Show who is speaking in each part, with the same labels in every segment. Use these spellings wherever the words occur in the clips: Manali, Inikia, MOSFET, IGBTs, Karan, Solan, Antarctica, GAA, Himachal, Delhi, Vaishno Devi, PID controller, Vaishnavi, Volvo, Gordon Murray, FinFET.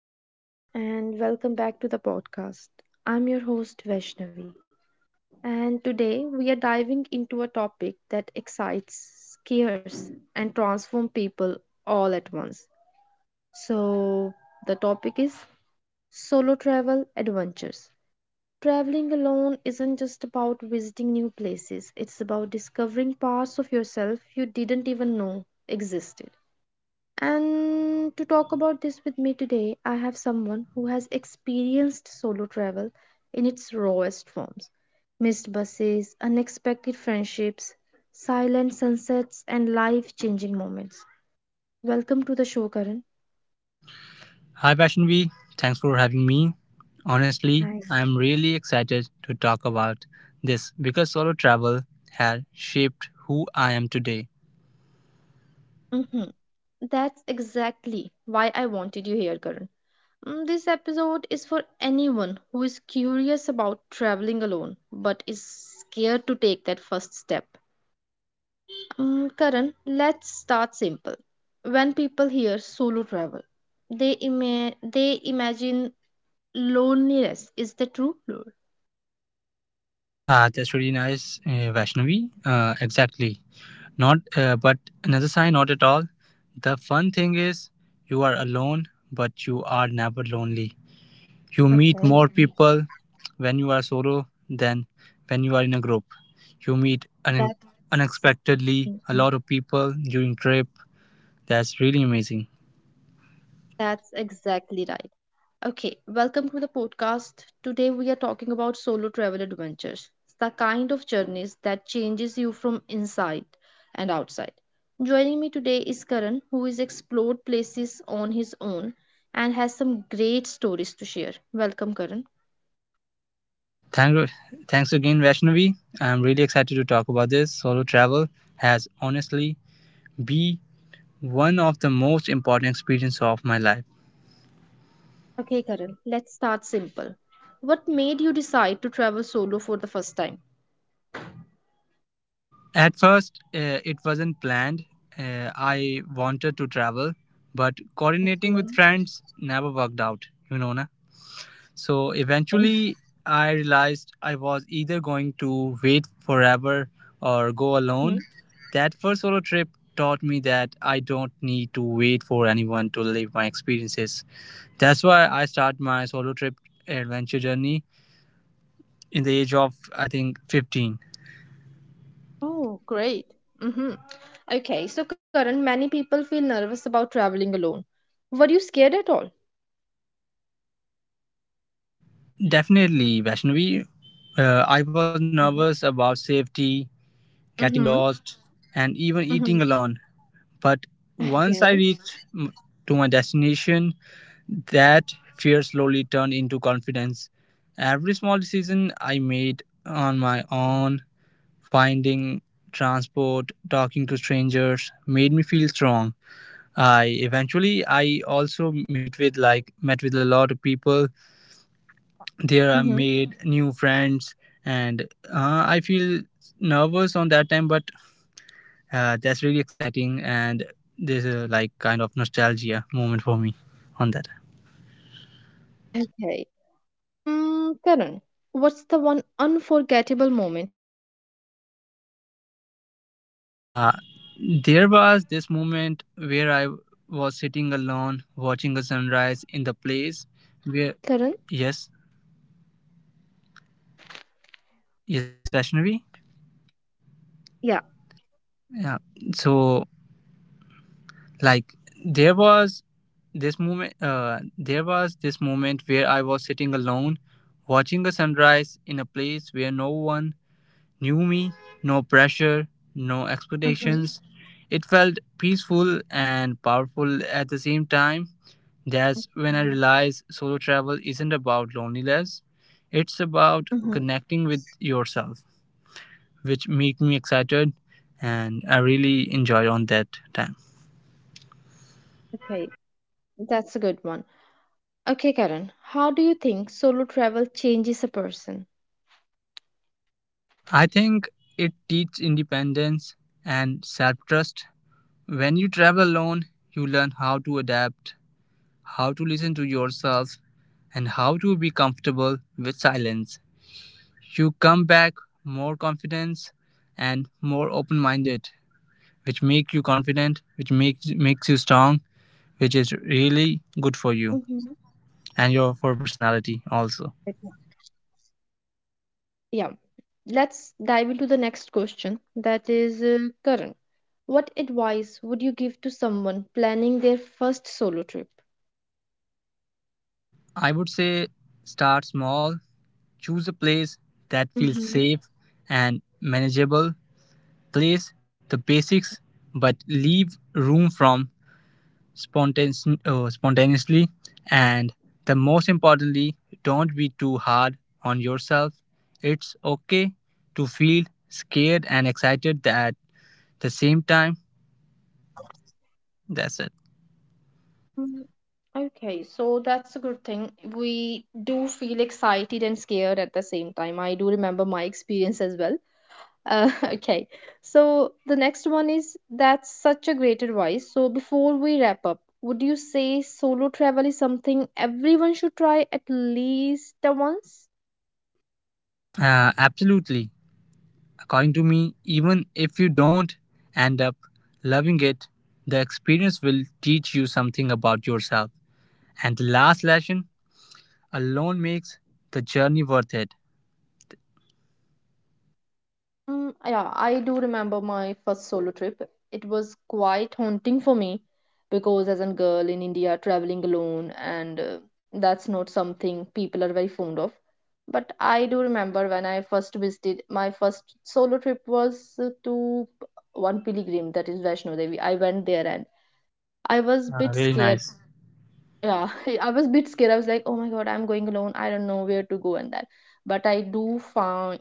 Speaker 1: Hello, everyone, and welcome back to the podcast. I'm your host, Vaishnavi, and today we are diving into a topic that excites, scares, and transforms people all at once. So, the topic is solo travel adventures. Traveling alone isn't just about visiting new places, it's about discovering parts of yourself you didn't even know existed. And to talk about this with me today, I have someone who has experienced solo travel in its rawest forms: missed buses, unexpected friendships, silent sunsets, and life changing moments. Welcome to the show, Karan.
Speaker 2: Hi Vaishnavi, thanks for having me. Honestly,
Speaker 1: Hi.
Speaker 2: I am really excited to talk about this because solo travel has shaped who I am today.
Speaker 1: Mm-hmm. That's exactly why I wanted you here, Karan. This episode is for anyone who is curious about traveling alone but is scared to take that first step. Karan, let's start simple. When people hear solo travel, they imagine loneliness. Is that true? No.
Speaker 2: Ah, that's really nice, Vaishnavi. Exactly. Not, but another sign, not at all. The fun thing is, you are alone, but you are never lonely. You meet more
Speaker 1: Okay,
Speaker 2: people when you are solo than when you are in a group. You meet
Speaker 1: that's
Speaker 2: unexpectedly a lot of people during trip. That's really amazing.
Speaker 1: that's exactly right. Okay, welcome to the podcast. Today we are talking about solo travel adventures, the kind of journeys that changes you from inside and outside. Joining me today is Karan, who has explored places on his own and has some great stories to share. Welcome, Karan.
Speaker 2: Thank, Thanks again, Vaishnavi. I'm really excited to talk about this. Solo travel has honestly been one of the most important experiences of my life.
Speaker 1: Okay, Karan, let's start simple. What made you decide to travel solo for the first time?
Speaker 2: At first, it wasn't planned. I wanted to travel, but coordinating
Speaker 1: Okay.
Speaker 2: with friends never worked out, you know, na? So eventually, I realized I was either going to wait forever or go
Speaker 1: Hmm?
Speaker 2: alone. That first solo trip taught me that I don't need to wait for anyone to live my experiences. That's why I start my solo trip adventure journey in the age of I think 15.
Speaker 1: Oh, great. Hmm. Okay, so Karan, many people feel nervous about traveling alone. Were you scared at all?
Speaker 2: Definitely, Vaishnavi. I was nervous about safety, getting
Speaker 1: Mm-hmm.
Speaker 2: lost, and even eating
Speaker 1: Mm-hmm.
Speaker 2: alone. But once I
Speaker 1: Okay.
Speaker 2: reached to my destination, that fear slowly turned into confidence. Every small decision I made on my own, finding transport, talking to strangers, made me feel strong. I eventually I also meet with like met with a lot of people.
Speaker 1: Mm-hmm.
Speaker 2: There I made new friends, and I feel nervous on that time, but that's really exciting, and there's a like kind of nostalgia moment for me on that.
Speaker 1: Okay. Karan, what's the one unforgettable moment from your solo travels?
Speaker 2: Uh, There was this moment where I was sitting alone watching a sunrise in the place
Speaker 1: Karan?
Speaker 2: where — yes, yes, Vaishnavi.
Speaker 1: Yeah.
Speaker 2: Yeah. So like there was this moment there was this moment where I was sitting alone watching a sunrise in a place where no one knew me, no pressure, no
Speaker 1: Mm-hmm.
Speaker 2: expectations. It felt peaceful and powerful at the same time. That's when I
Speaker 1: Mm-hmm.
Speaker 2: realized solo travel isn't about loneliness, it's about
Speaker 1: Mm-hmm.
Speaker 2: connecting with yourself, which made me excited and I really enjoyed on that time.
Speaker 1: Okay, that's a good one. Okay, Karen, how do you think solo travel changes a person?
Speaker 2: I think it teaches independence and self-trust. When you travel alone, you learn how to adapt, how to listen to yourself, and how to be comfortable with silence. You come back more confident and more open-minded, which make you confident, which makes you strong, which is really good for you
Speaker 1: Mhm.
Speaker 2: and your for personality also.
Speaker 1: Okay. Yeah, let's dive into the next question. That is, Karan, what advice would you give to someone planning their first solo trip?
Speaker 2: I would say start small, choose a place that feels
Speaker 1: Mm-hmm.
Speaker 2: safe and manageable, place the basics but leave room from spontaneously, and the most importantly, don't be too hard on yourself. It's okay to feel scared and excited at the same time. That's it.
Speaker 1: Okay, so that's a good thing. We do feel excited and scared at the same time. I do remember my experience as well. Okay, so the next one is that's such a great advice. So before we wrap up, would you say solo travel is something everyone should try at least the once?
Speaker 2: Absolutely. According to me, even if you don't end up loving it, the experience will teach you something about yourself. And the last lesson alone makes the journey worth it.
Speaker 1: Mm, yeah, I do remember my first solo trip. It was quite haunting for me because, as a girl in India, traveling alone, and that's not something people are very fond of. But I do remember when I first visited, my first solo trip was to one pilgrim, that is Vaishno Devi. I went there and I was a bit
Speaker 2: Really
Speaker 1: scared,
Speaker 2: nice.
Speaker 1: yeah. I was a bit scared. I was like, oh my god, I'm going alone, I don't know where to go and that. But I do find,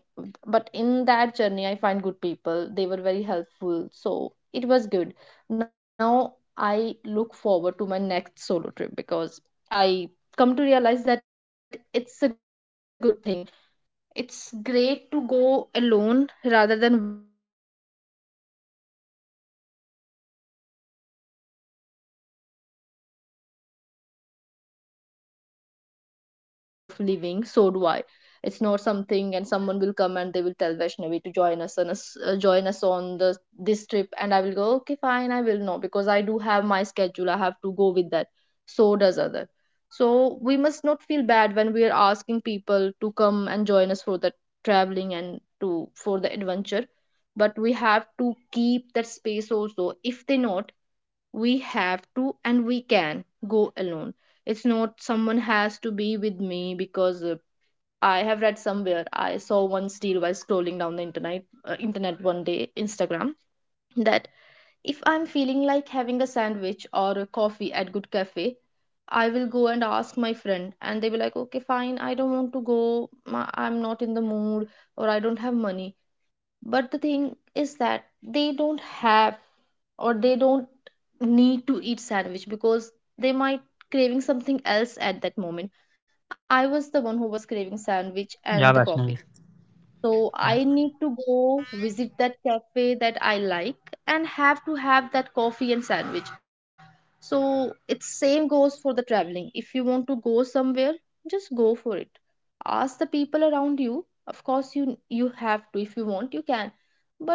Speaker 1: but in that journey I find good people, they were very helpful, so it was good. Now I look forward to my next solo trip because I come to realize that it's a good thing. It's great to go alone rather than waiting for people to come and join you because they will never, they'll be like, okay, I have this and that, because everyone has got their schedule, they have their way of living, so do I. It's not something, and someone will come and they will tell Vaishnavi to join us on us join us on the this trip and I will go, okay fine, I will not, because I do have my schedule, I have to go with that. So does other. So we must not feel bad when we are asking people to come and join us for the traveling and to for the adventure, but we have to keep that space also. If they not, we have to, and we can go alone. It's not someone has to be with me, because I have read somewhere, I saw one deal while scrolling down the internet, one day Instagram, that if I'm feeling like having a sandwich or a coffee at good cafe, I will go and ask my friend and they will like, okay fine, I don't want to go. I'm not in the mood, or I don't have money. But the thing is that they don't have, or they don't need to eat sandwich because they might craving something else at that moment. I was the one who was craving sandwich and
Speaker 2: Yeah,
Speaker 1: the coffee.
Speaker 2: Vaishnavi.
Speaker 1: So
Speaker 2: Yeah.
Speaker 1: I need to go visit that cafe that I like and have to have that coffee and sandwich. So it's same goes for the traveling. If you want to go somewhere, just go for it. Ask the people around you. Of course you have to, if you want you can. But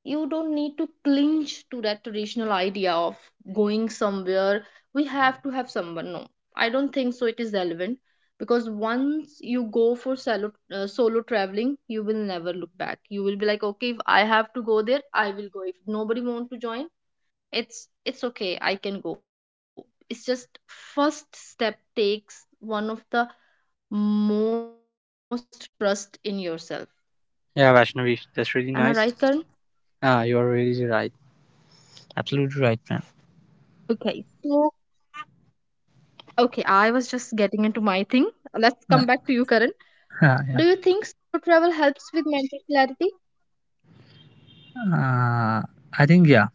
Speaker 1: you don't need to cling to that traditional idea of going somewhere. We have to have someone. No, I don't think so. It is relevant, because once you go for solo traveling, you will never look back. You will be like, okay, if I have to go there I will go. If nobody wants to join, it's okay, I can go. It's just first step takes one of the most trust in yourself.
Speaker 2: Yeah, Vaishnavi.
Speaker 1: Am I
Speaker 2: That's really
Speaker 1: right, Karan?
Speaker 2: nice. Ah, you're really right. Absolutely right, man.
Speaker 1: Okay, so okay, I was just getting into my thing. Let's
Speaker 2: Yeah.
Speaker 1: come back to you, Karan.
Speaker 2: Yeah. Yeah.
Speaker 1: Do you think solo travel helps with mental clarity?
Speaker 2: Uh, I think, yeah.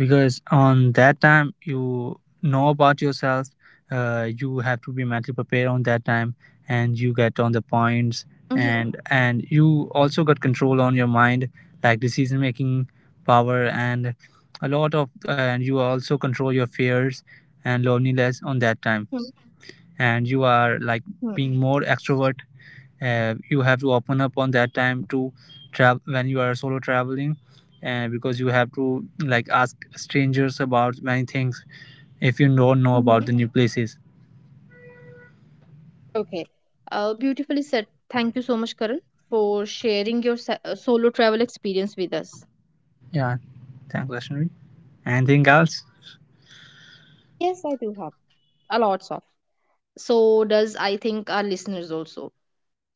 Speaker 2: Because on that time you know about yourself, you have to be mentally prepared on that time, and you get on the points,
Speaker 1: Mm-hmm.
Speaker 2: and you also got control on your mind, like decision making power and a lot of, and you also control your fears and loneliness on that time, and you are like
Speaker 1: Mm-hmm.
Speaker 2: being more extrovert. You have to open up on that time to travel when you are solo traveling. And because you have to like ask strangers about many things if you don't know about
Speaker 1: Mm-hmm.
Speaker 2: the new places.
Speaker 1: Okay. Beautifully said. Thank you so much, Karan, for sharing your solo travel experience with us.
Speaker 2: Yeah, thanks, Vaishnavi. Anything else?
Speaker 1: Yes, I do have a lots of. So does I think our listeners also.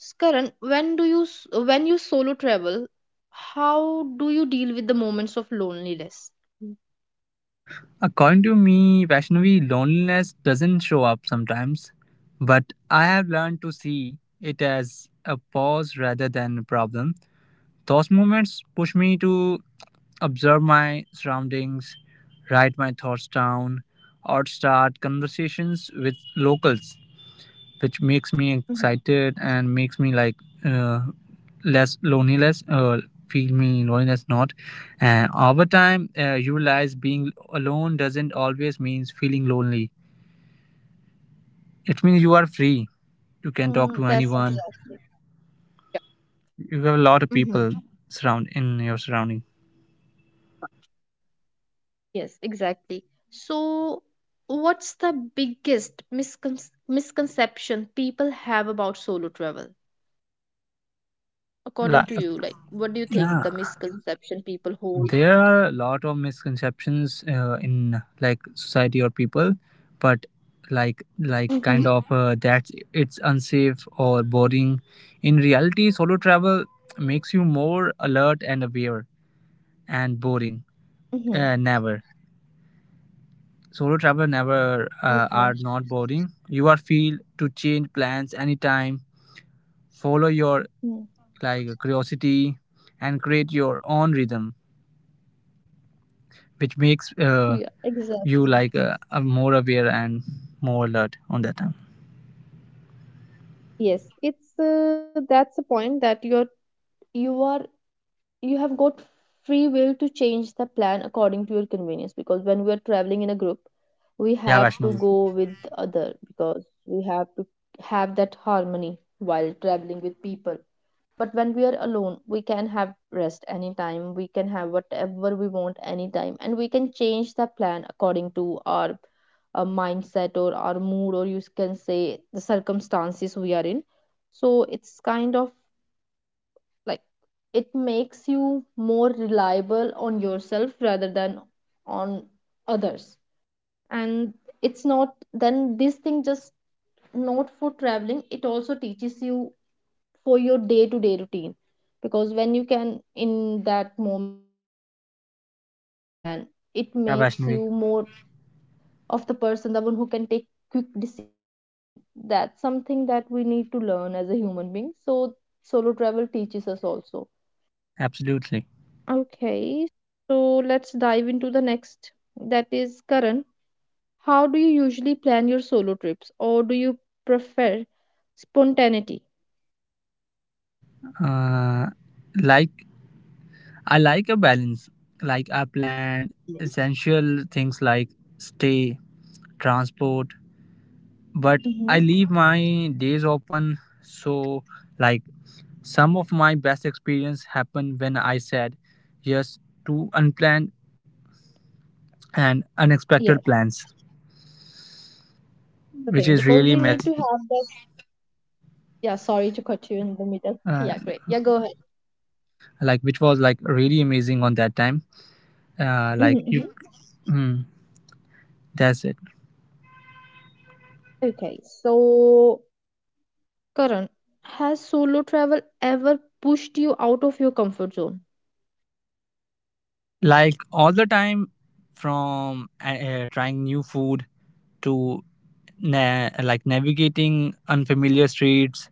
Speaker 1: Karan, when you solo travel, how do you deal with the moments of loneliness? Mm-hmm.
Speaker 2: According to me, Vaishnavi, loneliness doesn't show up sometimes, but I have learned to see it as a pause rather than a problem. Those moments push me to observe my surroundings, write my thoughts down, or start conversations with locals, which makes me excited and makes me like, uh, less loneliness. Feel me loneliness not. And over time, you realize being alone doesn't always means feeling lonely. It means you are free,
Speaker 1: Mm,
Speaker 2: you
Speaker 1: that's
Speaker 2: can talk to
Speaker 1: exactly.
Speaker 2: anyone,
Speaker 1: Yeah.
Speaker 2: you have
Speaker 1: Mhm.
Speaker 2: a lot of people surround in your surrounding.
Speaker 1: Yes, exactly. So, what's the biggest misconception people have about solo travel?
Speaker 2: Li-
Speaker 1: According to you, like, what do you think the
Speaker 2: yeah,
Speaker 1: misconception people hold?
Speaker 2: there are a lot of misconceptions in like society or people, but like kind
Speaker 1: Mm-hmm.
Speaker 2: of that it's unsafe or boring. In reality, solo travel makes you more alert and aware, and boring,
Speaker 1: Mm-hmm.
Speaker 2: never. Solo travel never, are
Speaker 1: Okay.
Speaker 2: not boring. You are free to change plans anytime, follow your
Speaker 1: Mm.
Speaker 2: like curiosity, and create your own rhythm, which makes
Speaker 1: Yeah,
Speaker 2: you like,
Speaker 1: exactly.
Speaker 2: are more aware and more alert on that time.
Speaker 1: Yes, it's that's the point that you are you have got free will to change the plan according to your convenience, because when we are traveling in a group, we
Speaker 2: Yeah,
Speaker 1: have to
Speaker 2: Vaishnavi.
Speaker 1: go with other, because we have to have that harmony while traveling with people. But when we are alone, we can have rest anytime, we can have whatever we want anytime, and we can change the plan according to our mindset or our mood, or you can say the circumstances we are in. So it's kind of like, it makes you more reliable on yourself rather than on others. And it's not then, this thing just not for traveling, it also teaches you for your day to day routine. Because when you can, in that moment when you can change the plan, it makes you
Speaker 2: Yeah,
Speaker 1: more
Speaker 2: Vaishnavi.
Speaker 1: of the person, the one who can take quick decisions. And that's something that we need to learn as a human being. So solo travel teaches us also.
Speaker 2: Absolutely.
Speaker 1: Okay, so let's dive into the next. That is Karan. How do you usually plan your solo trips, or do you prefer spontaneity?
Speaker 2: Uh, like I like a balance. Like I plan essential things like stay, transport, but I
Speaker 1: Mm-hmm.
Speaker 2: leave my days open. So like some of my best experience happened when I said yes to unplanned and unexpected
Speaker 1: Yes,
Speaker 2: plans,
Speaker 1: the
Speaker 2: which
Speaker 1: thing
Speaker 2: is
Speaker 1: because
Speaker 2: really
Speaker 1: we need to
Speaker 2: amazing.
Speaker 1: have this. Yeah, sorry to cut you in the middle.
Speaker 2: Uh,
Speaker 1: Yeah, great. Yeah, go ahead.
Speaker 2: like, which was like really amazing on that time, like you,
Speaker 1: Mm-hmm.
Speaker 2: mm, that's it.
Speaker 1: Okay, so Karan, has solo travel ever pushed you out of your comfort zone?
Speaker 2: Like all the time, from trying new food to like navigating unfamiliar streets.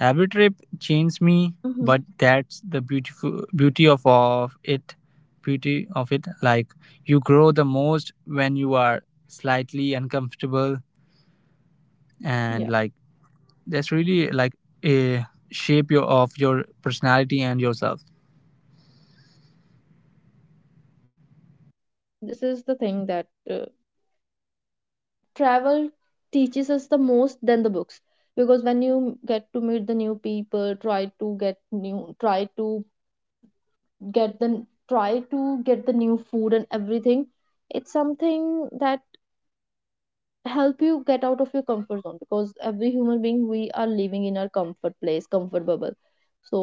Speaker 2: Every trip changed me,
Speaker 1: Mm-hmm.
Speaker 2: but that's the beautiful beauty of, of it, like you grow the most when you are slightly uncomfortable. And like
Speaker 1: Yeah,
Speaker 2: that's really like a shape your, of your personality and yourself.
Speaker 1: this is the thing that travel teaches us the most than the books. Because when you get to meet the new people, try to get new, try to get the, try to get the new food and everything, it's something that help you get out of your comfort zone. Because every human being, we are living in our comfort place, comfort bubble. So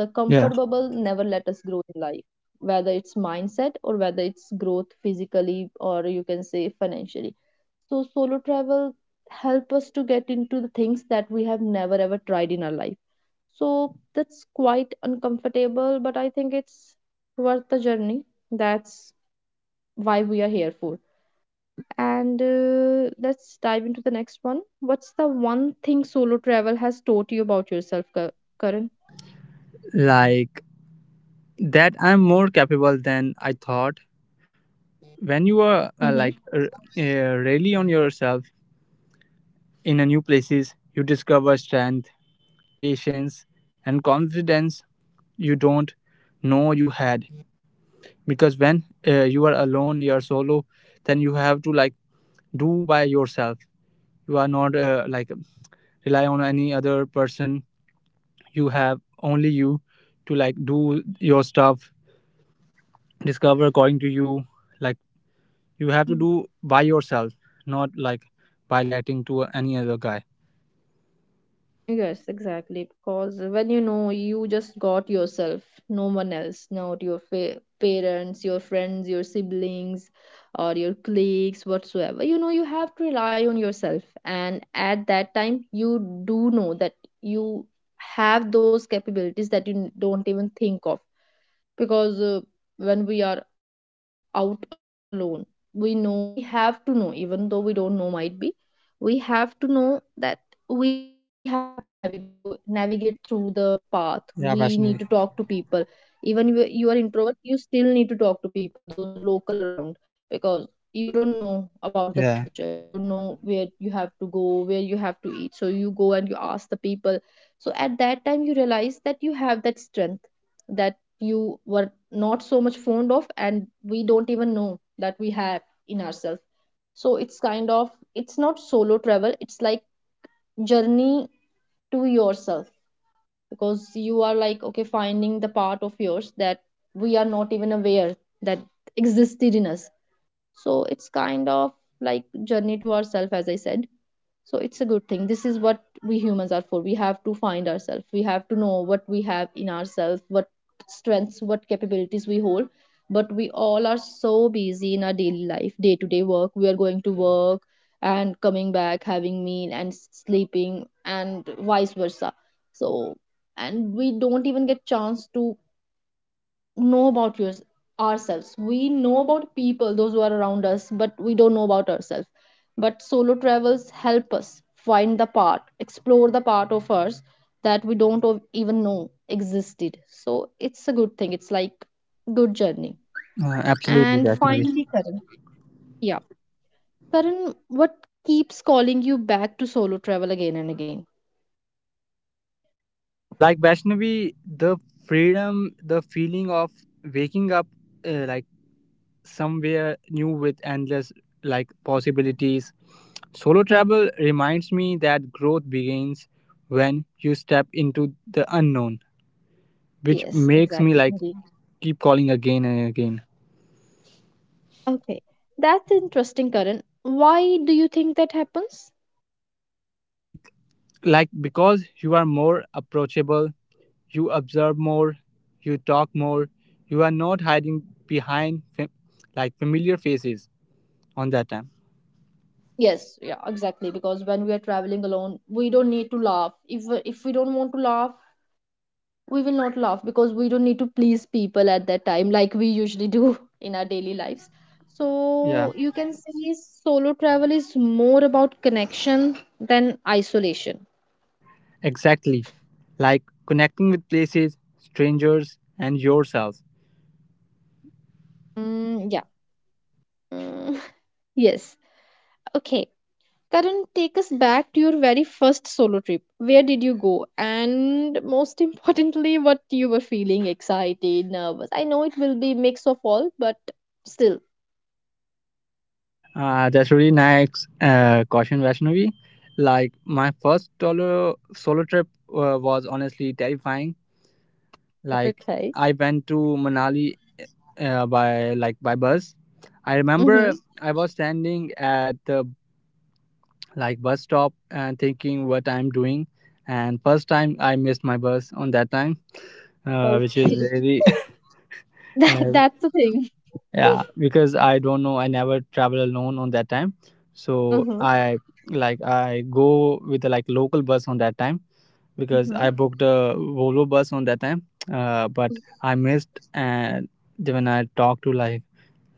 Speaker 1: the
Speaker 2: Yeah,
Speaker 1: comfort bubble never let us grow in life, whether it's mindset or whether it's growth physically, or you can say financially. So solo travel help us to get into the things that we have never ever tried in our life. So that's quite uncomfortable, but I think it's worth the journey. That's why we are here for. And Let's dive into the next one. What's the one thing solo travel has taught you about yourself, Karan?
Speaker 2: like that I'm more capable than I thought. When you are
Speaker 1: Mm-hmm.
Speaker 2: really on yourself in a new places, you discover strength, patience, and confidence you don't know you had. Because when you are alone, you are solo, then you have to like do by yourself. You are not like rely on any other person. You have only you to like do your stuff, discover according to you, like you have to
Speaker 1: Mm.
Speaker 2: do by yourself, not like by letting to any other guy.
Speaker 1: Yes, exactly. Because when you know you just got yourself, no one else, not your parents, your friends, your siblings, or your colleagues, whatsoever. You know, you have to rely on yourself. And at that time, you do know that you have those capabilities that you don't even think of. Because when we are out alone, we know we have to know, even though we don't know, might be we have to know that we have to navigate through the path. We need to talk
Speaker 2: Yeah,
Speaker 1: to people.
Speaker 2: Vaishnavi.
Speaker 1: Even you are introvert, you still need to talk to people, those local around, because you don't know about the culture, you don't
Speaker 2: Yeah.
Speaker 1: know where you have to go, where you have to eat, so you go and you ask the people. So at that time you realize that you have that strength that you were not so much fond of and we don't even know that we have in ourselves. So it's kind of, it's not solo travel, it's like journey to yourself, because you are like, okay, finding the part of yours that we are not even aware that existed in us. So it's kind of like journey to ourselves, as I said. So it's a good thing. This is what we humans are for. We have to find ourselves. We have to know what we have in ourselves, what strengths, what capabilities we hold. But we all are so busy in our daily life, day to day work. We are going to work and coming back, having meal and sleeping, and vice versa. So, and we don't even get chance to know about yours, ourselves. We know about people, those who are around us, but we don't know about ourselves. But solo travels help us find the part, explore the part of us that we don't even know existed. So it's a good thing. It's like good journey.
Speaker 2: Absolutely,
Speaker 1: And
Speaker 2: Vaishnavi.
Speaker 1: finally, Karan. Yeah. Karan, what keeps calling you back to solo travel again and again?
Speaker 2: Like, Vaishnavi, the freedom, the feeling of waking up, like somewhere new with endless like possibilities. Solo
Speaker 1: Hmm.
Speaker 2: travel reminds me that growth begins when you step into the unknown, which
Speaker 1: Yes,
Speaker 2: makes me
Speaker 1: exactly.
Speaker 2: like
Speaker 1: Indeed.
Speaker 2: keep calling again and again.
Speaker 1: Okay. That's interesting, Karan. Why do you think that happens?
Speaker 2: Like like because you are more approachable, you observe more, you talk more, you are not hiding behind like familiar faces on that time.
Speaker 1: Yes, yeah, exactly. Because when we are traveling alone, we don't need to laugh. If we don't want to laugh, we will not laugh, because we don't need to please people at that time like we usually do in our daily lives.
Speaker 2: Yeah,
Speaker 1: So you can see, solo travel is more about connection than isolation.
Speaker 2: exactly. Like connecting with places, strangers, and yourself.
Speaker 1: Mm, yeah. Mm, yes. Okay. Karan, take us back to your very first solo trip. Where did you go? And most importantly, what you were feeling, excited, nervous. I know it will be mix of all, but still.
Speaker 2: That's really nice, caution Vaishnavi. Like my first solo trip was honestly terrifying. Like
Speaker 1: Okay.
Speaker 2: I went to Manali, by bus. I
Speaker 1: Mm-hmm.
Speaker 2: remember I was standing at the like bus stop and thinking what I'm doing. And first time I missed my bus on that time, which is
Speaker 1: Okay.
Speaker 2: very
Speaker 1: That,
Speaker 2: uh,
Speaker 1: that's the thing.
Speaker 2: yeah, because I don't know I never travel alone on that time. So
Speaker 1: Mm-hmm.
Speaker 2: I go with the like local bus on that time because
Speaker 1: Mm-hmm.
Speaker 2: I booked a Volvo bus on that time. But I missed. And then when I talked to like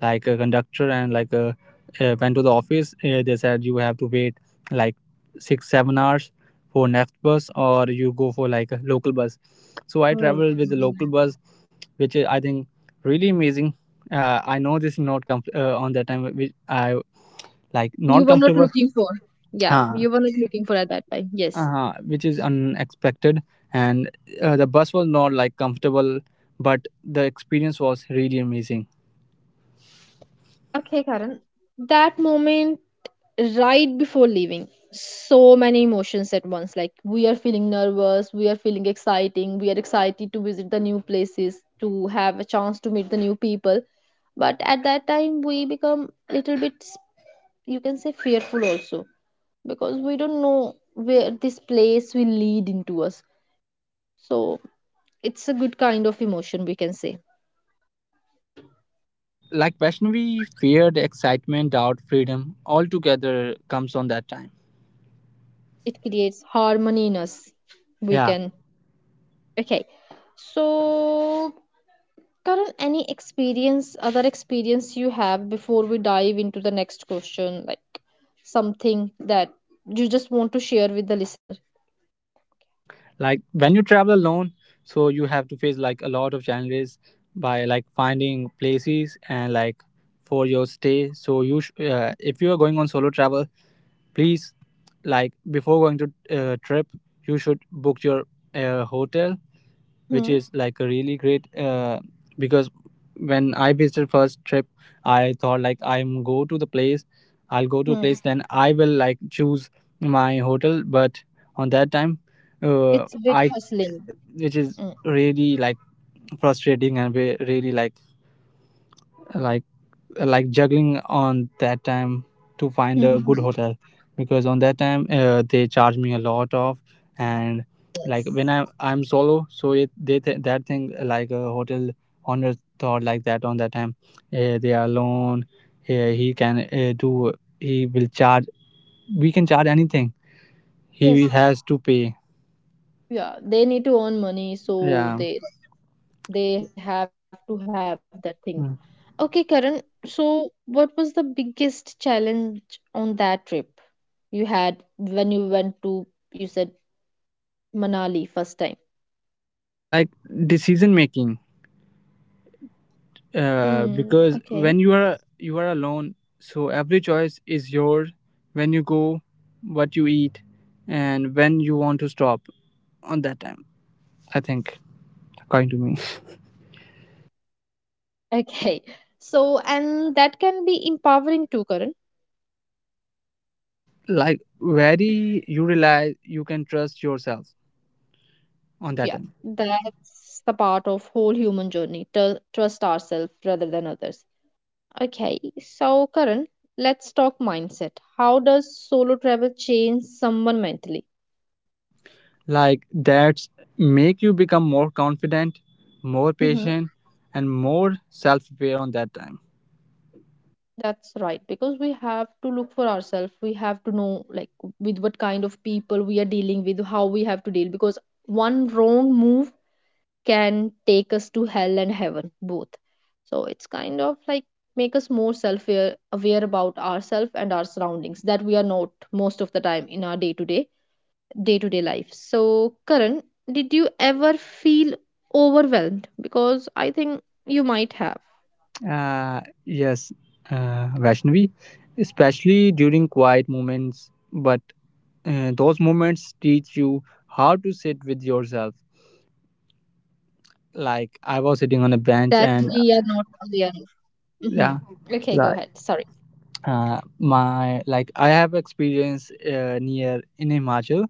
Speaker 2: like a conductor, and like a went to the office, they said you have to wait like 6-7 hours for next bus, or you go for like a local bus. So I
Speaker 1: Oh.
Speaker 2: traveled with the
Speaker 1: Mm.
Speaker 2: local bus, which is, I think, really amazing. I know this is not on that time, which I like,
Speaker 1: You
Speaker 2: not
Speaker 1: were not
Speaker 2: comfortable.
Speaker 1: looking for. Yeah,
Speaker 2: huh
Speaker 1: you were not looking for at that time. Yes.
Speaker 2: which is unexpected. And the bus was not like comfortable, but the experience was really amazing.
Speaker 1: Okay, Karan. That moment right before leaving, so many emotions at once, like we are feeling nervous, we are feeling exciting, we are excited to visit the new places, to have a chance to meet the new people, but at that time we become little bit, you can say, fearful also, because we don't know where this place will lead into us. So it's a good kind of emotion, we can say.
Speaker 2: Like Vaishnavi, fear, the excitement, doubt, freedom, all together comes on that time.
Speaker 1: It creates harmony in us, we
Speaker 2: Yeah,
Speaker 1: can. Okay, so Karan, any experience, other experience you have before we dive into the next question, like something that you just want to share with the listener?
Speaker 2: like when you travel alone, so you have to face like a lot of challenges by like finding places and like for your stay. So you, if you are going on solo travel, please, like before going to trip, you should book your hotel, which
Speaker 1: Hmm.
Speaker 2: is like a really great. Because when I visited first trip, I thought like, I'll go to a
Speaker 1: Hmm.
Speaker 2: place, then I will like choose my hotel. But on that time,
Speaker 1: It's a bit
Speaker 2: I,
Speaker 1: hustling.
Speaker 2: which is
Speaker 1: Mm.
Speaker 2: really like frustrating, and we really like like like juggling on that time to find a good hotel, because on that time they charge me a lot of. And like
Speaker 1: Yes.
Speaker 2: when I'm solo, so it, that thing, like a hotel owner thought like that on that time, they are alone, he can, do, he will charge, we can charge anything,
Speaker 1: Yes.
Speaker 2: he has to pay.
Speaker 1: Yeah. They need to earn money, so
Speaker 2: Yeah.
Speaker 1: they have to have that thing. Okay, Karan.
Speaker 2: Mm.
Speaker 1: So, what was the biggest challenge on that trip you had when you went to, you said, Manali first time?
Speaker 2: Like decision making,
Speaker 1: Hmm. Okay.
Speaker 2: because when you are alone, so every choice is yours. When you go, what you eat, and when you want to stop on that time, I think, according to me.
Speaker 1: Okay. So, and that can be empowering too, Karan.
Speaker 2: Like, very, you realize you can trust yourself on that
Speaker 1: Yeah.
Speaker 2: time.
Speaker 1: That's the part of whole human journey. To trust ourselves rather than others. Okay. So, Karan, let's talk mindset. How does solo travel change someone mentally?
Speaker 2: Like that's make you become more confident, more
Speaker 1: Mm-hmm.
Speaker 2: patient, and more self-aware on that time.
Speaker 1: That's right. Because we have to look for ourselves. We have to know, like, with what kind of people we are dealing with, how we have to deal. Because one wrong move can take us to hell and heaven both. So it's kind of like make us more self aware about ourselves and our surroundings, that we are not most of the time in our day to day life. So Karan, did you ever feel overwhelmed? Because I think you might have
Speaker 2: Yes, Vaishnavi, especially during quiet moments. But those moments teach you how to sit with yourself. Like I was
Speaker 1: that
Speaker 2: sitting on a
Speaker 1: we are
Speaker 2: bench,
Speaker 1: not
Speaker 2: and
Speaker 1: aware. Mhm. Okay,
Speaker 2: yeah,
Speaker 1: go ahead, sorry.
Speaker 2: like my like I have experience near in Himachal,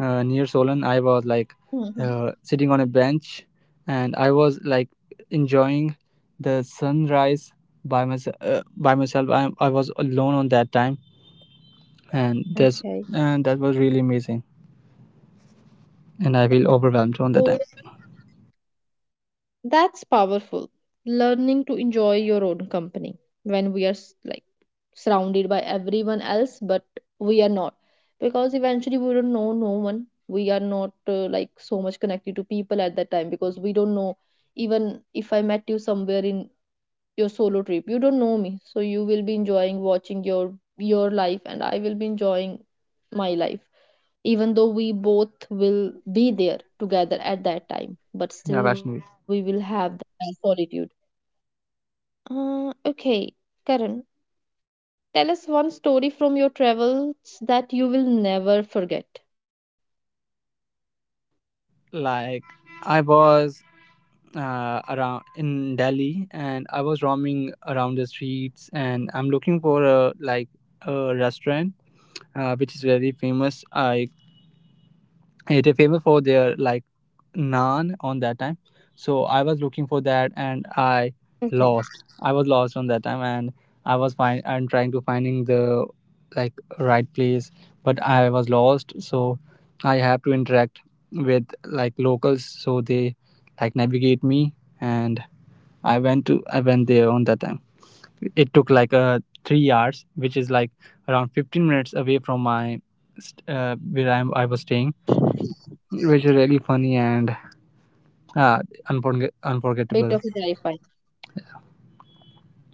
Speaker 2: near Solan.
Speaker 1: Mhm.
Speaker 2: I was like sitting on a bench, and I was like enjoying the sunrise by myself. I was alone on that time, and
Speaker 1: Okay.
Speaker 2: this and that was really amazing. And I feel overwhelmed on that time.
Speaker 1: That's powerful. Learning to enjoy your own company when we are like surrounded by everyone else, but we are not. Because eventually we don't know no one. We are not like so much connected to people at that time because we don't know. Even if I met you somewhere in your solo trip, you don't know me. So you will be enjoying watching your life, and I will be enjoying my life, even though we both will be there together at that time,
Speaker 2: Yeah,
Speaker 1: but
Speaker 2: Vaishnavi.
Speaker 1: still we will have that solitude. Okay, Karan, tell us one story from your travels that you will never forget.
Speaker 2: Like I was around in Delhi, and I was roaming around the streets, and I'm looking for a restaurant which is very famous. I It is famous for their like naan on that time. So I was looking for that and
Speaker 1: Okay.
Speaker 2: I lost. I was lost on that time, and I was find and trying
Speaker 1: Okay,
Speaker 2: to finding the like right place, but I was lost. So I have to interact with like locals, so they like navigate me. And I went there on that time. It took like 3 hours, which is like around 15 minutes away from my where I was staying, which is really funny and uh,
Speaker 1: bit of
Speaker 2: unforgettable.
Speaker 1: sci-fi.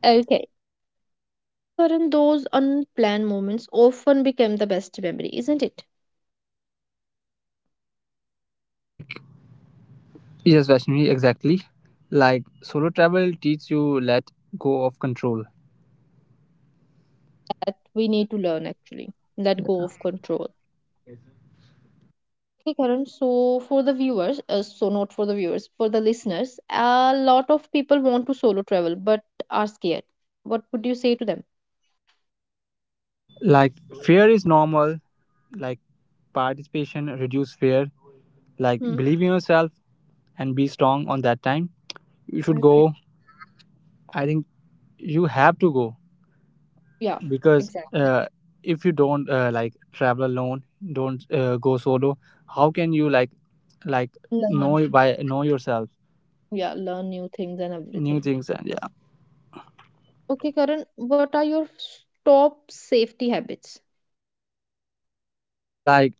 Speaker 1: Okay, Karan, those unplanned moments often become the best memory, isn't it?
Speaker 2: Like, yes, Vaishnavi, exactly. Like, solo travel teaches you let go of control.
Speaker 1: That we need to learn actually. Let go of control. Okay, Karan. So, for the viewers, so not for the viewers, for the listeners, a lot of people want to solo travel but are scared. What would you say to them?
Speaker 2: Like, fear is normal. Like, participation reduce fear. Like, believe in
Speaker 1: Hmm.
Speaker 2: yourself and be strong on that time. You should go.
Speaker 1: Okay.
Speaker 2: I think you have to go,
Speaker 1: Yeah,
Speaker 2: because
Speaker 1: exactly.
Speaker 2: if you don't like travel alone, don't go solo. How can you like
Speaker 1: Learn.
Speaker 2: know yourself,
Speaker 1: Yeah, learn new things and
Speaker 2: new
Speaker 1: everything.
Speaker 2: things. And yeah,
Speaker 1: Okay, Karan, what are your top safety habits?
Speaker 2: like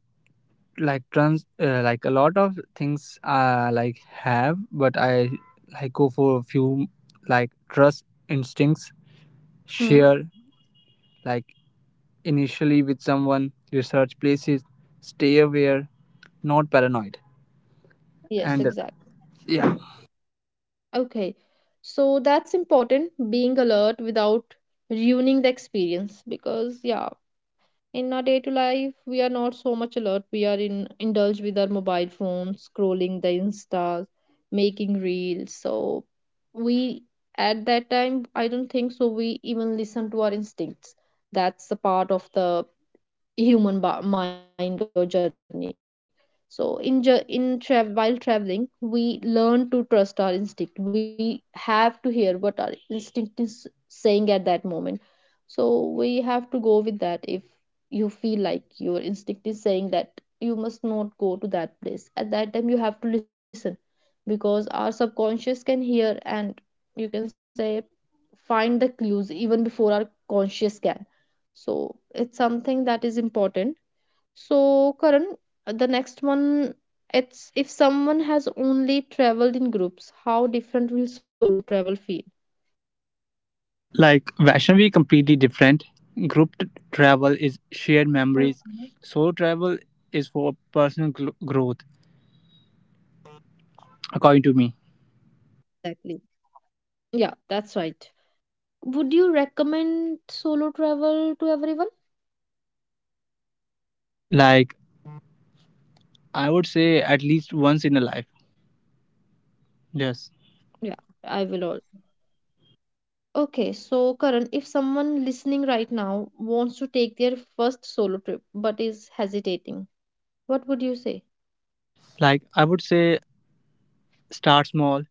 Speaker 2: like trans like a lot of things I like have, but I like go for a few, like trust instincts,
Speaker 1: Hmm.
Speaker 2: share like initially with someone, research places, stay aware, not paranoid.
Speaker 1: Yes,
Speaker 2: And
Speaker 1: exactly.
Speaker 2: yeah.
Speaker 1: Okay. So, that's important, being alert without ruining the experience, because, yeah, in our day to life, we are not so much alert. We are in indulged with our mobile phones, scrolling the Insta, making reels. So we at that time, I don't think so we even listen to our instincts. That's the part of the human mind or journey. So in while traveling, we learn to trust our instinct. We have to hear what our instinct is saying at that moment. So we have to go with that. If you feel like your instinct is saying that you must not go to that place at that time, you have to listen, because our subconscious can hear and, you can say, find the clues even before our conscious can. So it's something that is important. So, Karan, the next one, it's if someone has only traveled in groups, how different will solo travel feel?
Speaker 2: Like Vaishnavi, completely different. Group travel is shared memories.
Speaker 1: Okay.
Speaker 2: Solo travel is for personal growth, according to me.
Speaker 1: Exactly. Yeah, that's right. Would you recommend solo travel to everyone?
Speaker 2: Like, I would say at least once in a life, yes.
Speaker 1: Yeah, I will also. Okay, so Karan, if someone listening right now wants to take their first solo trip but is hesitating, what would you say?
Speaker 2: Like, I would say, start small.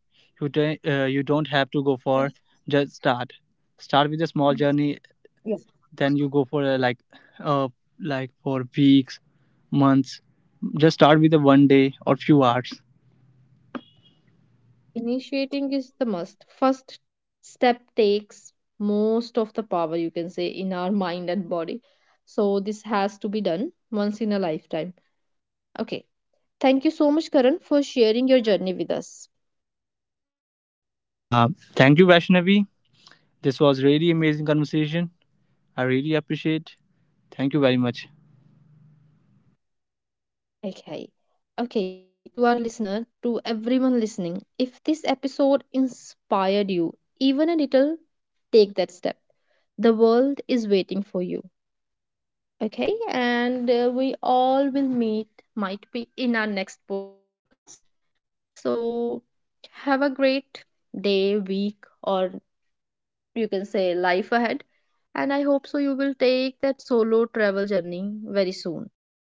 Speaker 2: You don't have to go for,
Speaker 1: Yes.
Speaker 2: just start. Start with a small
Speaker 1: Yes.
Speaker 2: journey.
Speaker 1: Yeah.
Speaker 2: Then you go for uh like for weeks, months. Just start with a one day or few hours.
Speaker 1: Initiating is the must. First step takes most of the power, you can say, in our mind and body. So, this has to be done once in a lifetime. Okay. Thank you so much, Karan, for sharing your journey with us.
Speaker 2: Uh, Thank you, Vaishnavi. This was really amazing conversation. I really appreciate. Thank you very much.
Speaker 1: Okay. Okay, to our listener, to everyone listening, if this episode inspired you even a little, take that step. The world is waiting for you. Okay, and we all will meet, might be in our next podcast. So, have a great day, week, or you can say life ahead. And I hope so you will take that solo travel journey very soon.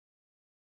Speaker 1: Okay, thank